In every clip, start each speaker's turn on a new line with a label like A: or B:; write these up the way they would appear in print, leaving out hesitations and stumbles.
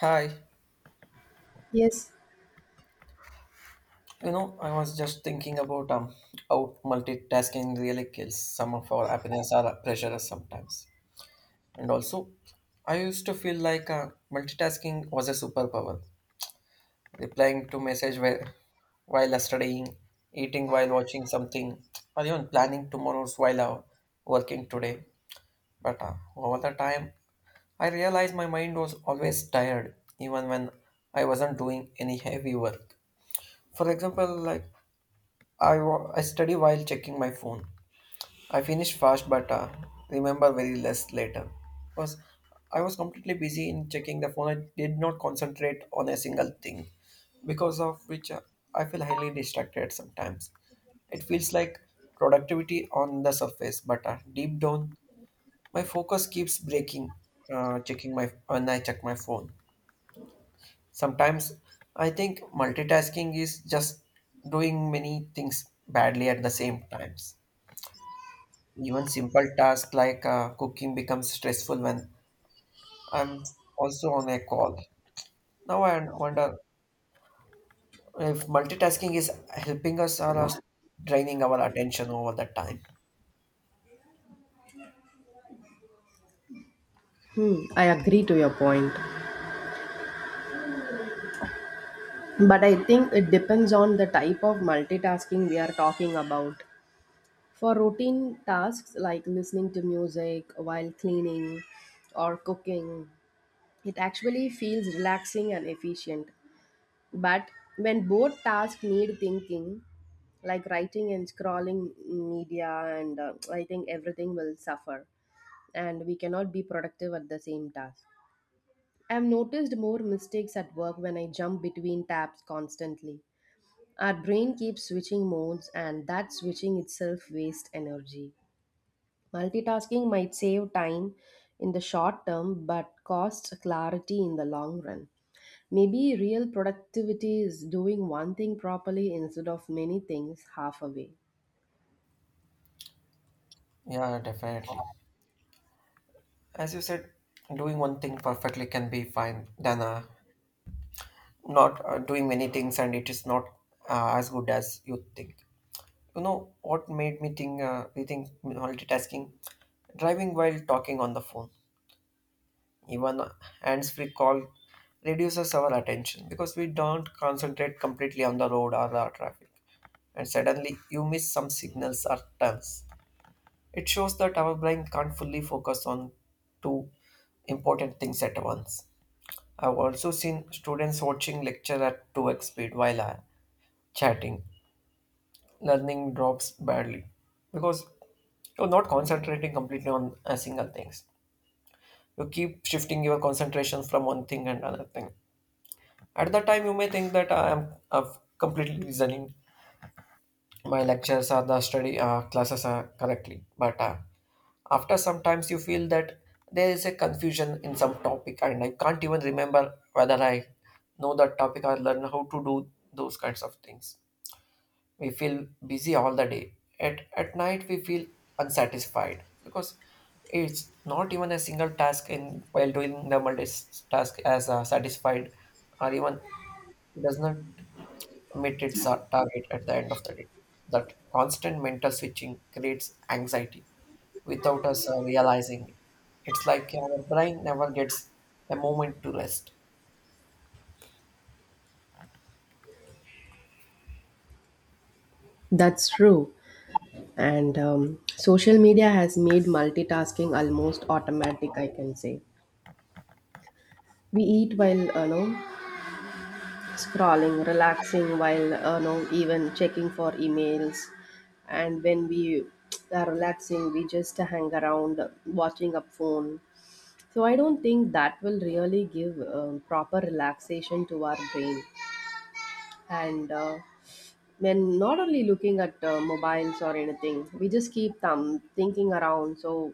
A: Hi,
B: Yes,
A: I was just thinking about how multitasking really kills some of our happiness or pressure us sometimes. And also, I used to feel like multitasking was a superpower. Replying to message while studying, eating while watching something, or even planning tomorrow's while working today. But over the time, I realized my mind was always tired, even when I wasn't doing any heavy work. For example, like I study while checking my phone. I finished fast but remember very less later. Because I was completely busy in checking the phone. I did not concentrate on a single thing. Because of which I feel highly distracted sometimes. It feels like productivity on the surface, but deep down, my focus keeps breaking. Checking my when I check my phone. Sometimes I think multitasking is just doing many things badly at the same times. Even simple tasks like cooking becomes stressful when I'm also on a call. Now I wonder if multitasking is helping us or us draining our attention over the time.
B: hmm, I agree to your point. But I think it depends on the type of multitasking we are talking about. For routine tasks like listening to music while cleaning or cooking, it actually feels relaxing and efficient. But when both tasks need thinking, like writing and scrolling media, and I think everything will suffer, and we cannot be productive at the same task. I've noticed more mistakes at work when I jump between tabs constantly. Our brain keeps switching modes, and that switching itself wastes energy. Multitasking might save time in the short term but costs clarity in the long run. Maybe real productivity is doing one thing properly instead of many things half away.
A: Yeah, definitely. As you said, doing one thing perfectly can be fine than not doing many things and it is not as good as you think. You know what made me think, rethink multitasking? Driving while talking on the phone. Even hands-free call reduces our attention because we don't concentrate completely on the road or the traffic, and suddenly you miss some signals or turns. It shows that our brain can't fully focus on two important things at once. I've also seen students watching lecture at 2x speed while chatting. Learning drops badly because you're not concentrating completely on a single things. You keep shifting your concentration from one thing and another thing. At that time, you may think that I am completely reasoning my lectures or the study classes are correctly, but after sometimes you feel that there is a confusion in some topic, and I can't even remember whether I know that topic or learn how to do those kinds of things. We feel busy all the day. At night, we feel unsatisfied because it's not even a single task in while doing the multi task as satisfied or even does not meet its target at the end of the day. That constant mental switching creates anxiety without us realizing it. It's like our brain never gets a moment to rest.
B: That's true. And Social media has made multitasking almost automatic, I can say. We eat while, scrolling, relaxing while no even checking for emails. And when we are relaxing, we just hang around watching a phone. So I don't think that will really give proper relaxation to our brain. And When not only looking at mobiles or anything, we just keep thinking around. So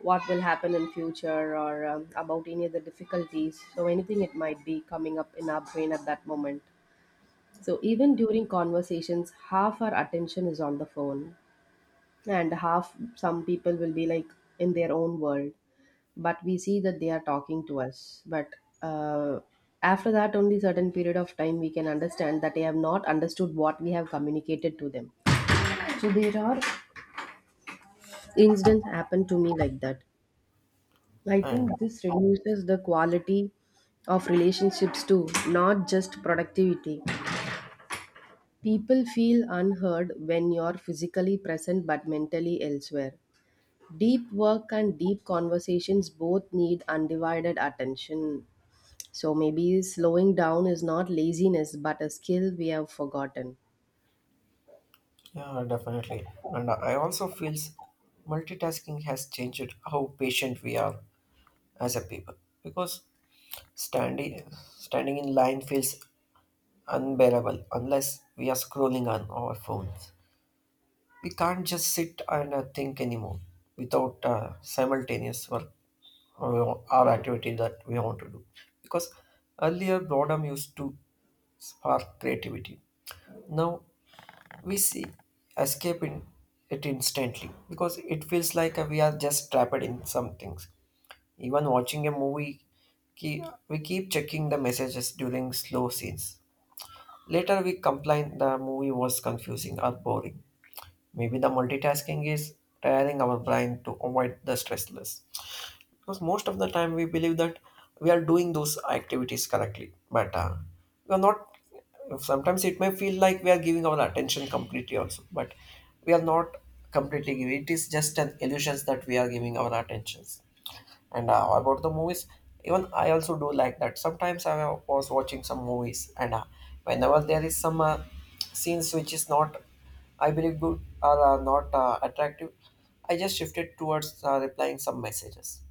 B: what will happen in future or about any other difficulties. So anything it might be coming up in our brain at that moment. So even during conversations, half our attention is on the phone, and half some people will be like in their own world. But we see that they are talking to us. But uh, After that, only certain period of time we can understand that they have not understood what we have communicated to them. So there are incidents happen to me like that. I
A: And
B: think this reduces the quality of relationships too, not just productivity. People feel unheard when you're physically present but mentally elsewhere. Deep work and deep conversations both need undivided attention. So maybe slowing down is not laziness but a skill we have forgotten.
A: yeah, definitely. And I also feels multitasking has changed how patient we are as a people, because standing standing in line feels unbearable unless we are scrolling on our phones. We can't just sit and think anymore without simultaneous work or or activity that we want to do, because earlier boredom used to spark creativity. Now we see escape in it instantly, because it feels like we are just trapped in some things. Even watching a movie, ke- we keep checking the messages during slow scenes. Later we complain the movie was confusing or boring. Maybe the multitasking is tiring our brain to avoid the stress less. Because most of the time we believe that we are doing those activities correctly, but we are not. Sometimes it may feel like we are giving our attention completely also, but we are not completely giving. It is just an illusions that we are giving our attentions. And about the movies, even I also do like that. Sometimes I was watching some movies, and whenever there is some scenes which is not, I believe, good or not attractive, I just shifted towards replying some messages.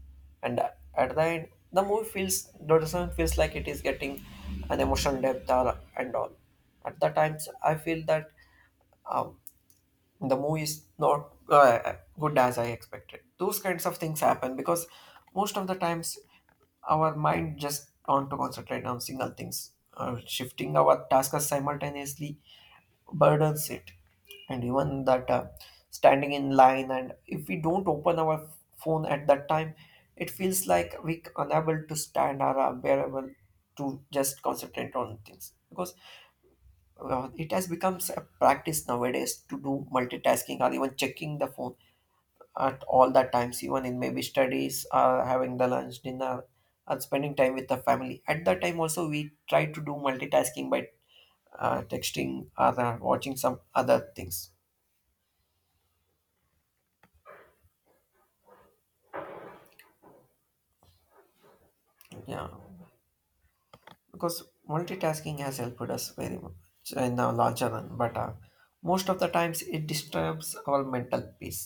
A: And at the end, the movie feels doesn't feels like it is getting an emotional depth or, and all. At the times, I feel that uh, the movie is not good as I expected. Those kinds of things happen because most of the times our mind just want to concentrate on single things. Shifting our tasks simultaneously burdens it, and even that standing in line, and if we don't open our phone at that time, it feels like we unable to stand or are unable to just concentrate on things, because it has become a practice nowadays to do multitasking or even checking the phone at all the times, even in maybe studies, having the lunch dinner and spending time with the family. At that time also we try to do multitasking by texting or watching some other things. Yeah, because multitasking has helped us very much in the larger run, but most of the times it disturbs our mental peace.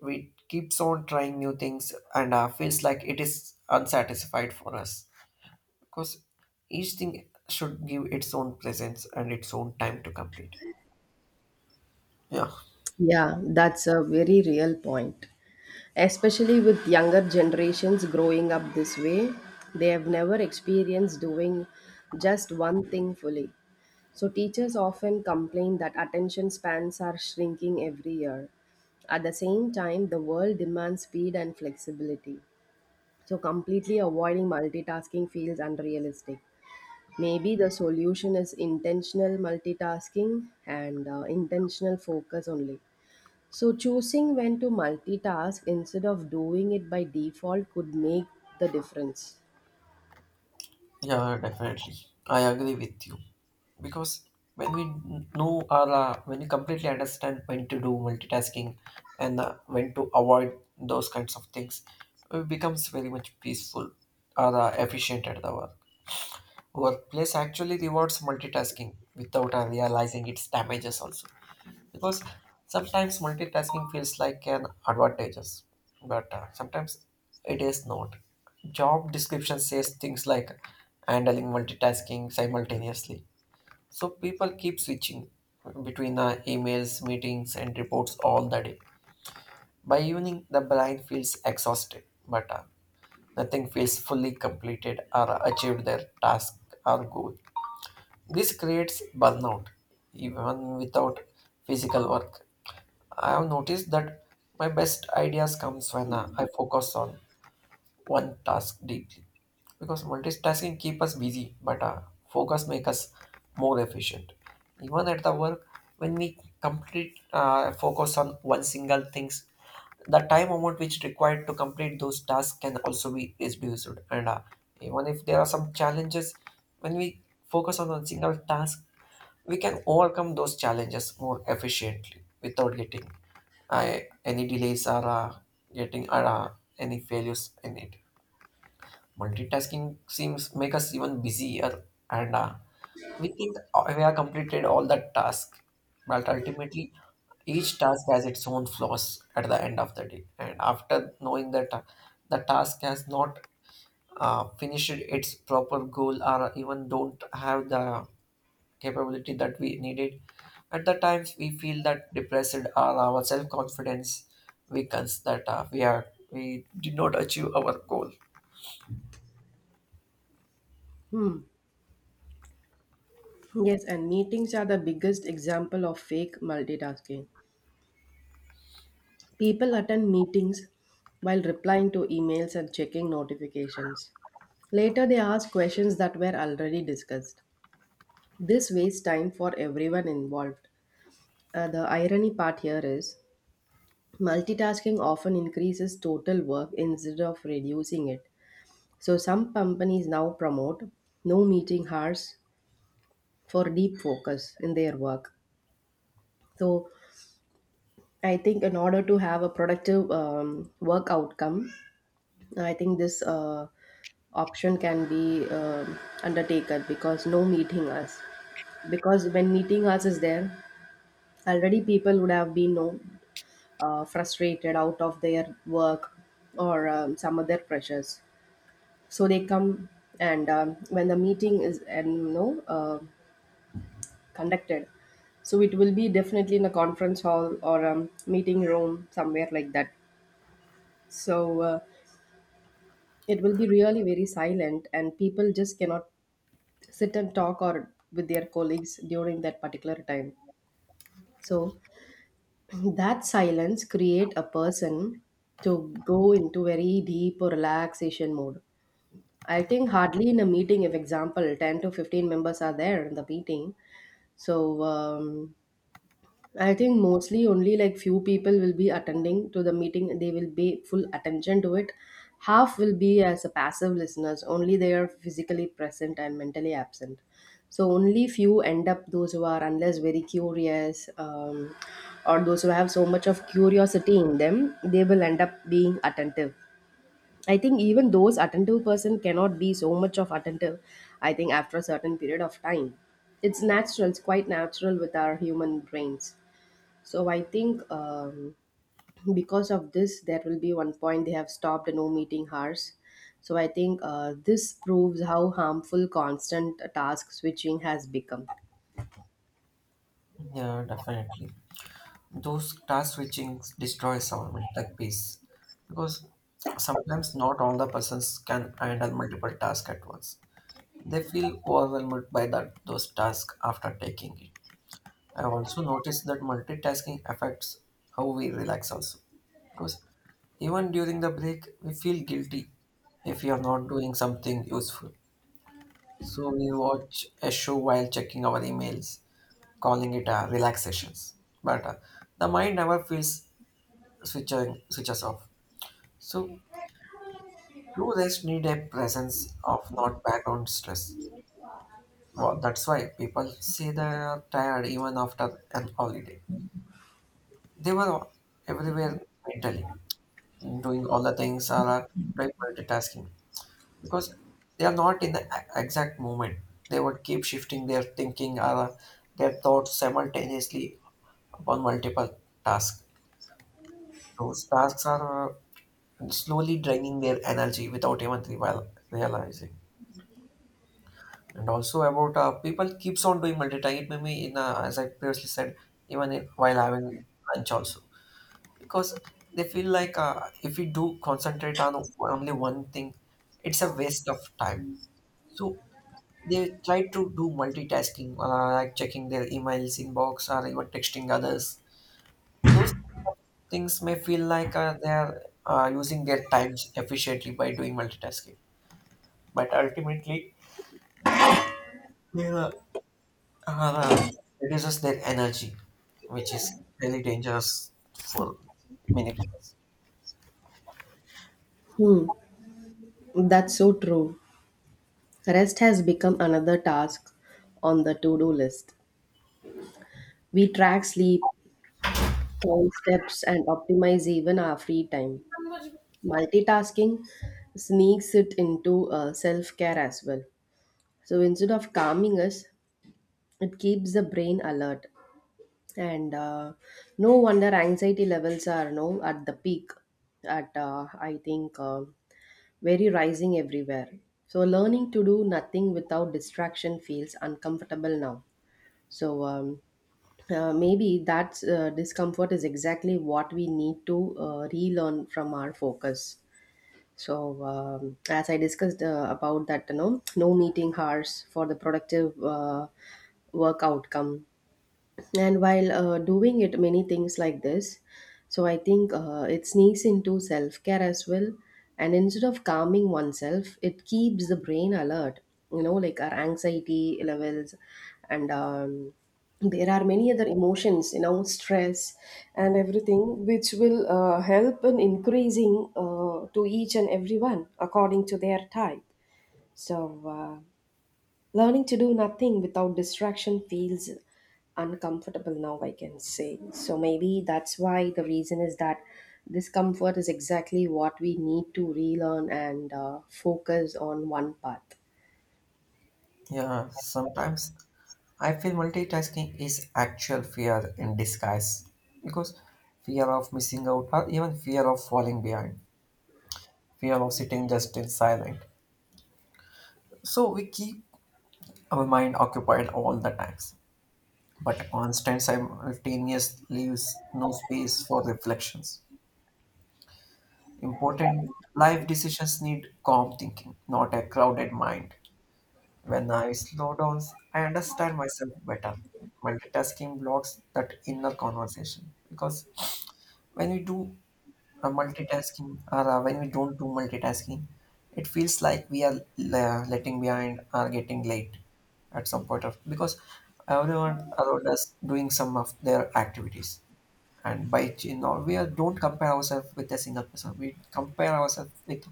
A: We keeps on trying new things and feels like it is unsatisfied for us, because each thing should give its own presence and its own time to complete. Yeah.
B: Yeah, that's a very real point. Especially with younger generations growing up this way, they have never experienced doing just one thing fully. So teachers often complain that attention spans are shrinking every year. At the same time, the world demands speed and flexibility. So completely avoiding multitasking feels unrealistic. Maybe the solution is intentional multitasking and intentional focus only. So choosing when to multitask instead of doing it by default could make the difference.
A: Yeah, definitely. I agree with you, because when we know or when we completely understand when to do multitasking and when to avoid those kinds of things, it becomes very much peaceful or efficient at the work. Workplace actually rewards multitasking without realizing its damages also. Because sometimes multitasking feels like an advantages, but sometimes it is not. Job description says things like handling multitasking simultaneously. So people keep switching between emails, meetings, and reports all the day. By evening, the brain feels exhausted, but nothing feels fully completed or achieved their task or goal. This creates burnout even without physical work. I have noticed that my best ideas comes when I focus on one task deeply, because multitasking keep us busy but focus make us more efficient. Even at the work, when we complete focus on one single things, the time amount which required to complete those tasks can also be reduced, and even if there are some challenges, when we focus on one single task we can overcome those challenges more efficiently without getting uh, any delays or getting any failures in it. Multitasking seems make us even busier, and we think we have completed all the task, but ultimately each task has its own flaws at the end of the day. And after knowing that the task has not finished its proper goal or even don't have the capability that we needed. At the times, we feel that depressed or our self confidence weakens that we did not achieve our goal.
B: Yes, and meetings are the biggest example of fake multitasking. People attend meetings while replying to emails and checking notifications. Later, they ask questions that were already discussed. This wastes time for everyone involved. The irony part here is multitasking often increases total work instead of reducing it. So, some companies now promote no meeting hours for deep focus in their work. So, I think in order to have a productive work outcome, I think this option can be undertaken because no meeting us. Because when meeting us is there, already people would have been no, frustrated out of their work or some other pressures. So they come and when the meeting is and conducted, so it will be definitely in a conference hall or a meeting room somewhere like that. So uh, it will be really very silent, and people just cannot sit and talk or with their colleagues during that particular time so that silence create a person to go into very deep relaxation mode. I think hardly in a meeting if example 10 to 15 members are there in the meeting, so um, I think mostly only like few people will be attending to the meeting. They will pay full attention to it. Half will be as a passive listeners. Only they are physically present and mentally absent. So only few end up those who are unless very curious or those who have so much of curiosity in them, they will end up being attentive. I think even those attentive person cannot be so much of attentive. I think after a certain period of time, it's natural. It's quite natural with our human brains. So I think because of this, there will be one point they have stopped no meeting hours. So I think this proves how harmful constant task switching has become.
A: Yeah, definitely. Those task switching destroys our mental peace, because sometimes not all the persons can handle multiple tasks at once. They feel overwhelmed by that those tasks after taking it. I've also noticed that multitasking affects how we relax also, because even during the break, we feel guilty if we are not doing something useful. So we watch a show while checking our emails, calling it a relaxations. But the mind never feels switching switches off. So true rest need a presence of not background stress. Well, that's why people say they are tired even after an holiday. They were everywhere mentally, doing all the things are doing multitasking, because they are not in the exact moment. They would keep shifting their thinking or their thoughts simultaneously upon multiple tasks. Those tasks are slowly draining their energy without even realizing. And also about people keeps on doing multitasking. It may be in as I previously said, even in, while having lunch also, because they feel like if we do concentrate on only one thing, it's a waste of time. So they try to do multitasking, like checking their emails inbox or even texting others. Those things may feel like they are using their times efficiently by doing multitasking, but ultimately, they are, uh, reduces their energy, which is really dangerous for many people.
B: Hmm, that's so true. Rest has become another task on the to do list. We track sleep, count steps, and optimize even our free time. Multitasking sneaks it into self care as well. So instead of calming us, it keeps the brain alert. And no wonder anxiety levels are no at the peak at I think very rising everywhere. So learning to do nothing without distraction feels uncomfortable now. So maybe that discomfort is exactly what we need to relearn from our focus. So as I discussed about that, you know, no meeting hours for the productive work outcome, and while doing it many things like this. So I think it sneaks into self-care as well, and instead of calming oneself it keeps the brain alert, you know, like our anxiety levels, and there are many other emotions, you know, stress and everything, which will help in increasing to each and everyone according to their type. So uh, learning to do nothing without distraction feels uncomfortable now, I can say. So maybe that's why the reason is that this comfort is exactly what we need to relearn and focus on one path.
A: Yeah, sometimes I feel multitasking is actual fear in disguise, because fear of missing out or even fear of falling behind. Fear of sitting just in silent. So we keep our mind occupied all the times, but constant simultaneous leaves no space for reflections. Important life decisions need calm thinking, not a crowded mind. When I slow down, I understand myself better. Multitasking blocks that inner conversation because when we do multitasking or when we don't do multitasking it feels like we are letting behind or getting late at some point of because everyone around us doing some of their activities and by ch- you know, we are, don't compare ourselves with a single person we compare ourselves with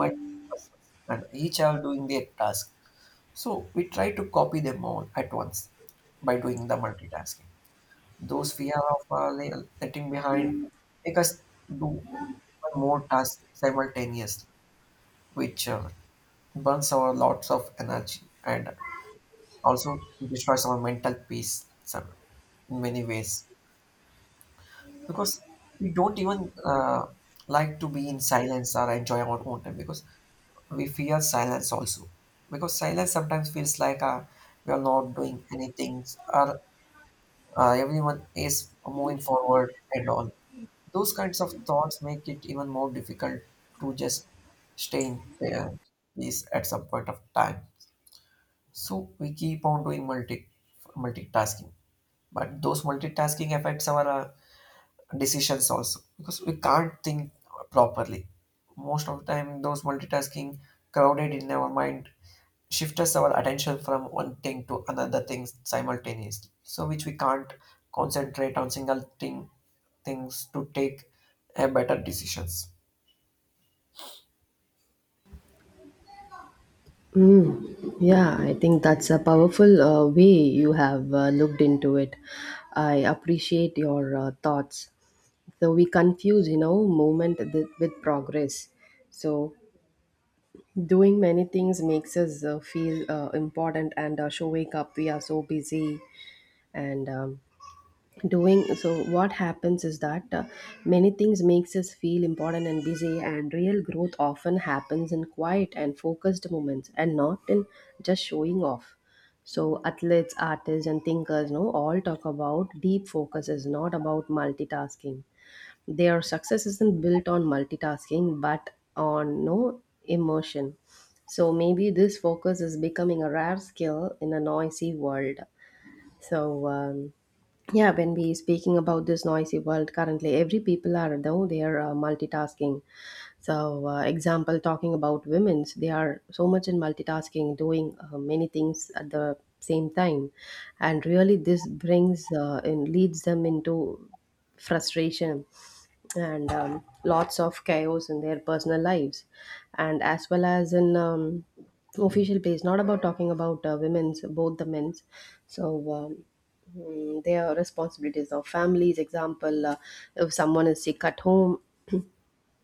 A: multiple persons and each are doing their task so we try to copy them all at once by doing the multitasking those fear of letting behind make us do one more task simultaneously, which burns our lots of energy and also destroys our mental peace some, in many ways because we don't even like to be in silence or enjoy our own time because we fear silence also because silence sometimes feels like we are not doing anything or everyone is moving forward and all those kinds of thoughts make it even more difficult to just stay in uh, peace at some point of time. So we keep on doing multitasking, but those multitasking affects our decisions also because we can't think properly most of the time those multitasking crowded in our mind shift us our attention from one thing to another thing simultaneously so which we can't concentrate on single thing things to take a better decisions.
B: Mm, yeah, I think that's a powerful way you have looked into it. I appreciate your thoughts. So we confuse, you know, movement with progress. So doing many things makes us feel important and showing up we are so busy, and doing so what happens is that many things makes us feel important and busy, and real growth often happens in quiet and focused moments, and not in just showing off. So athletes, artists and thinkers no all talk about deep focus is not about multitasking. Their success isn't built on multitasking, but on no immersion. So maybe this focus is becoming a rare skill in a noisy world. So yeah, when we speaking about this noisy world currently, every people are though they are multitasking. So example talking about women's, they are so much in multitasking, doing many things at the same time, and really this brings and leads them into frustration, and lots of chaos in their personal lives and as well as in official place, not about talking about women's both the men's. So their responsibilities of families, example if someone is sick at home,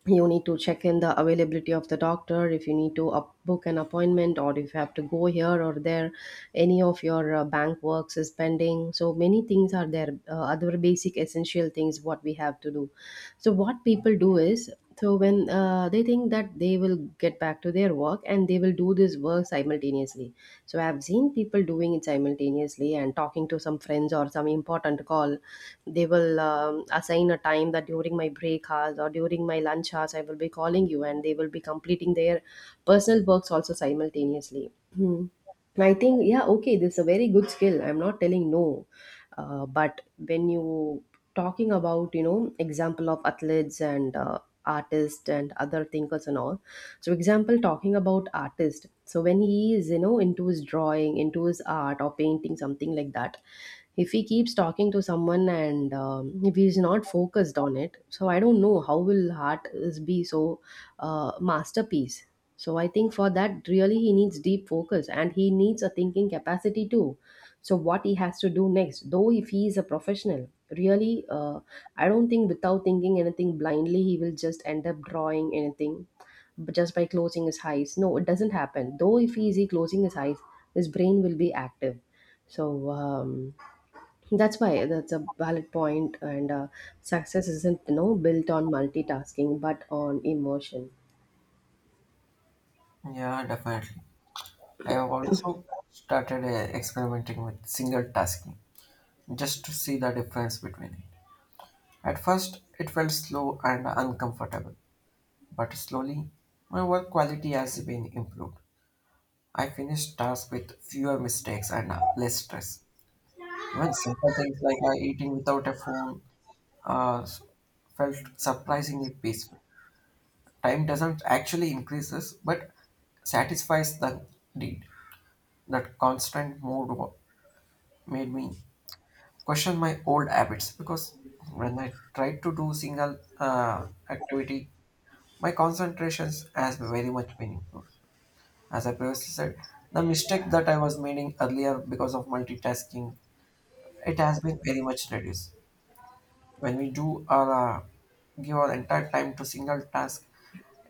B: you need to check in the availability of the doctor, if you need to up, book an appointment, or if you have to go here or there, any of your bank works is pending. So many things are there, other basic essential things what we have to do. So what people do is, so when they think that they will get back to their work and they will do this work simultaneously. So I've seen people doing it simultaneously and talking to some friends or some important call. They will assign a time that during my break hours or during my lunch hours I will be calling you, and they will be completing their personal works also simultaneously. Hmm. I think, yeah, okay, this is a very good skill. I'm not telling no. But when you talking about, you know, example of athletes and artists and other thinkers and all. So example talking about artist. So when he is, you know, into his drawing, into his art or painting, something like that, if he keeps talking to someone and if he's not focused on it, so I don't know how will art is be so masterpiece. So I think for that, really, he needs deep focus and he needs a thinking capacity too. So what he has to do next, though, if he is a professional, really, I don't think without thinking anything blindly, he will just end up drawing anything just by closing his eyes. No, it doesn't happen. Though, if he is he closing his eyes, his brain will be active. So that's why that's a valid point. And success isn't, you know, built on multitasking but on emotion.
A: Yeah, definitely. I have also started experimenting with single tasking just to see the difference between it. At first it felt slow and uncomfortable, but slowly my work quality has been improved. I finish tasks with fewer mistakes and less stress. Even simple things like eating without a phone uh, s- felt surprisingly peaceful. Time doesn't actually increases, but satisfies the need. That made me question my old habits because when I tried to do single activity, my concentrations has very much been improved. As I previously said, the mistake that I was making earlier because of multitasking, it has been very much reduced. When we do our give our entire time to single task,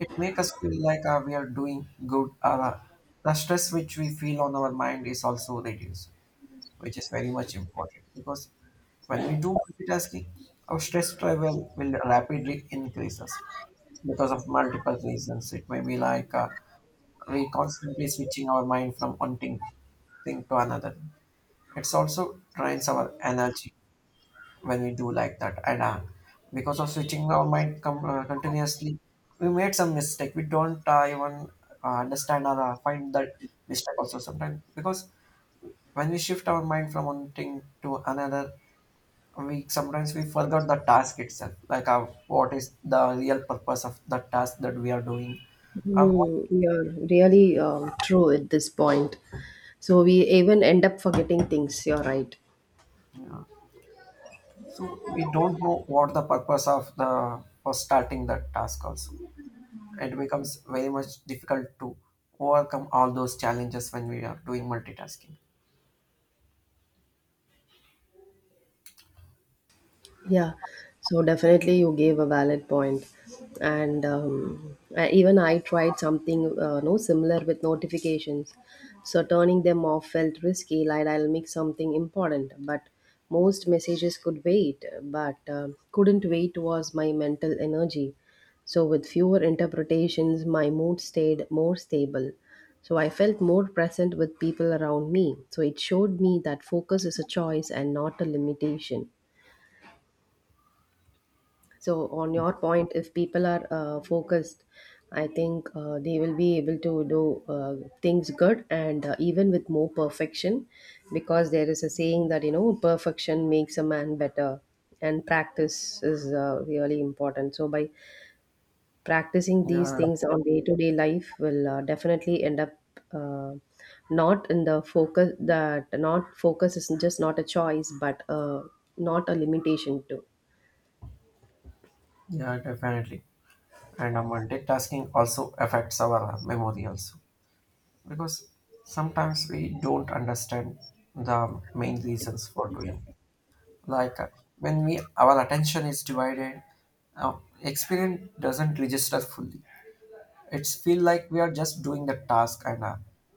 A: it makes us feel like we are doing good. Or, the stress which we feel on our mind is also reduced, which is very much important because when we do multitasking, our stress level will rapidly increase us because of multiple reasons. It may be like we constantly switching our mind from one thing to another. It's also drains our energy when we do like that and because of switching our mind continuously we made some mistake we don't even understand or find that mistake also sometimes because when we shift our mind from one thing to another we sometimes we forgot the task itself like what is the real purpose of the task that we are doing or what,
B: Hmm, you're really true at this point. So we even end up forgetting things. You're right.
A: yeah. So we don't know what the purpose of the for starting that task also it becomes very much difficult to overcome all those challenges when we are doing multitasking.
B: Yeah, so definitely you gave a valid point. And even I tried something no similar with notifications. So turning them off felt risky, like I'll mix something important. But most messages could wait, but couldn't wait was my mental energy. So with fewer interpretations, my mood stayed more stable. So I felt more present with people around me. So it showed me that focus is a choice and not a limitation. So, on your point, if people are focused, I think they will be able to do things good and even with more perfection, because there is a saying that you know perfection makes a man better, and practice is really important. So, by practicing these
A: Yeah,
B: things on day to day life, will definitely end up. Uh, Not in the focus that not focus is just not a choice but not a limitation too.
A: yeah, definitely. And multitasking also affects our memory also because sometimes we don't understand the main reasons for doing it. Like when we our attention is divided, uh, experience doesn't register fully. It's feel like we are just doing the task and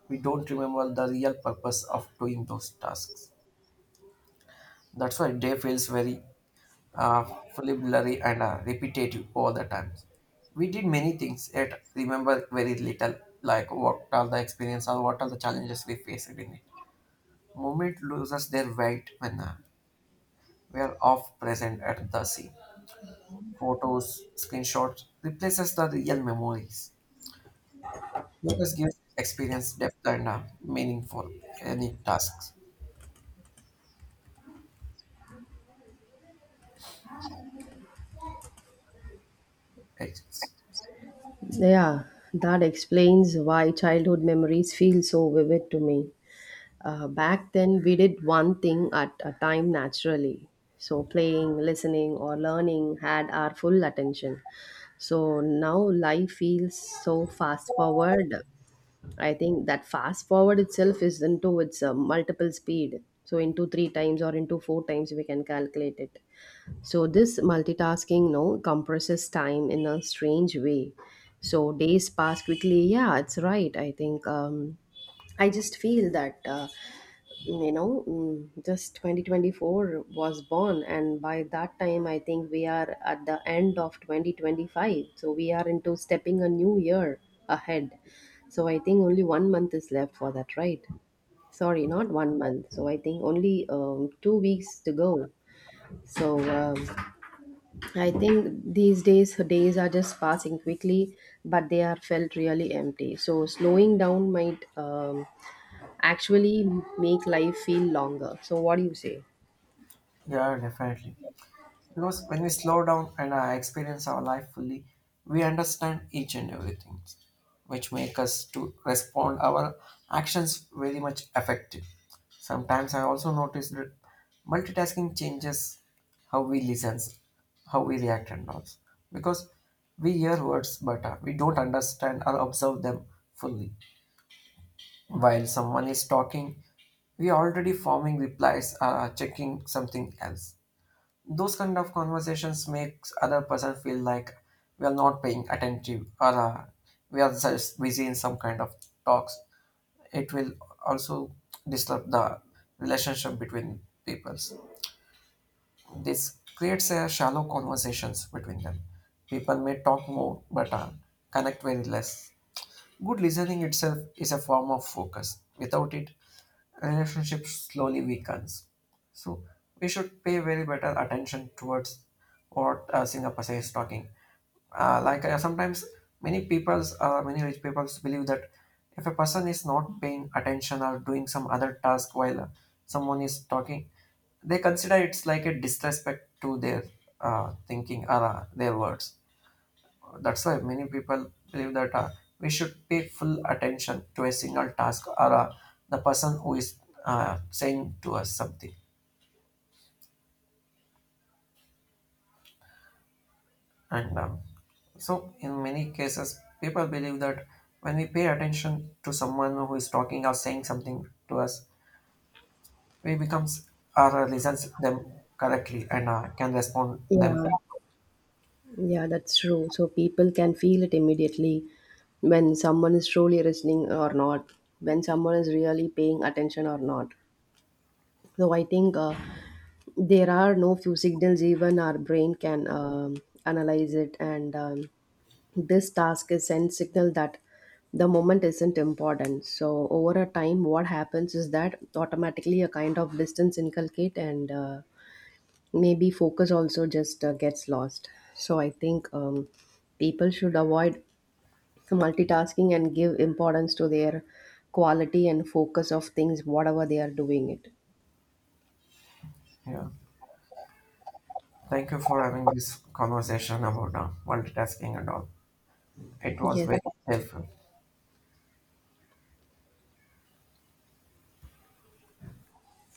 A: we don't remember the real purpose of doing those tasks. That's why day feels very uh, fully blurry and repetitive all the time. We did many things yet remember very little, like what are the experience or what are the challenges we faced in it. Moment loses their weight when we are off present at the scene. Photos, screenshots replaces the real memories. Focus gives experience depth and meaning for any tasks. Actions.
B: Yeah, that explains why childhood memories feel so vivid to me. Back then, we did one thing at a time naturally. So, playing, listening, or learning had our full attention. So, now life feels so fast forward. I think that fast forward itself is into its multiple speed. So, into 3 times or into 4 times, we can calculate it. So this multitasking no, compresses time in a strange way. So days pass quickly. Yeah, it's right. I think I just feel that just 2024 was born and by that time I think we are at the end of 2025. So we are into stepping a new year ahead. So I think only 1 month is left for that, right? Sorry, not 1 month. So I think only 2 weeks to go. So I think these days are just passing quickly, but they are felt really empty. So slowing down might actually make life feel longer. So what do you say?
A: Yeah, definitely. Because when we slow down and experience our life fully, we understand each and everything, which make us to respond our actions very much effective. Sometimes I also noticed that multitasking changes how we listen, how we react and all. Because we hear words but we don't understand or observe them fully. While someone is talking, we are already forming replies, checking something else those kind of conversations makes other person feel like we are not paying attentive or we are just busy in some kind of talks. It will also disturb the relationship between peoples. This creates a shallow conversations between them. People may talk more but connect very less. Good listening itself is a form of focus. Without it, relationship slowly weakens. So we should pay very better attention towards what a single person is talking. Sometimes many people's, many rich people believe that if a person is not paying attention or doing some other task while someone is talking, they consider it's like a disrespect to their thinking or their words. That's why many people believe that we should pay full attention to a single task or the person who is saying to us something. And so, in many cases, people believe that when we pay attention to someone who is talking or saying something to us, we becomes or listens them correctly and can respond them.
B: Yeah, yeah, that's true. So people can feel it immediately when someone is truly listening or not, when someone is really paying attention or not. So I think there are no few signals even our brain can analyze it, and this task is send signal that the moment isn't important. So over a time what happens is that automatically a kind of distance inculcate, and maybe focus also just gets lost. So I think people should avoid multitasking and give importance to their quality and focus of things whatever they are doing it.
A: Yeah. Thank you for having this conversation about multitasking and all. It was
B: Yes.
A: very helpful.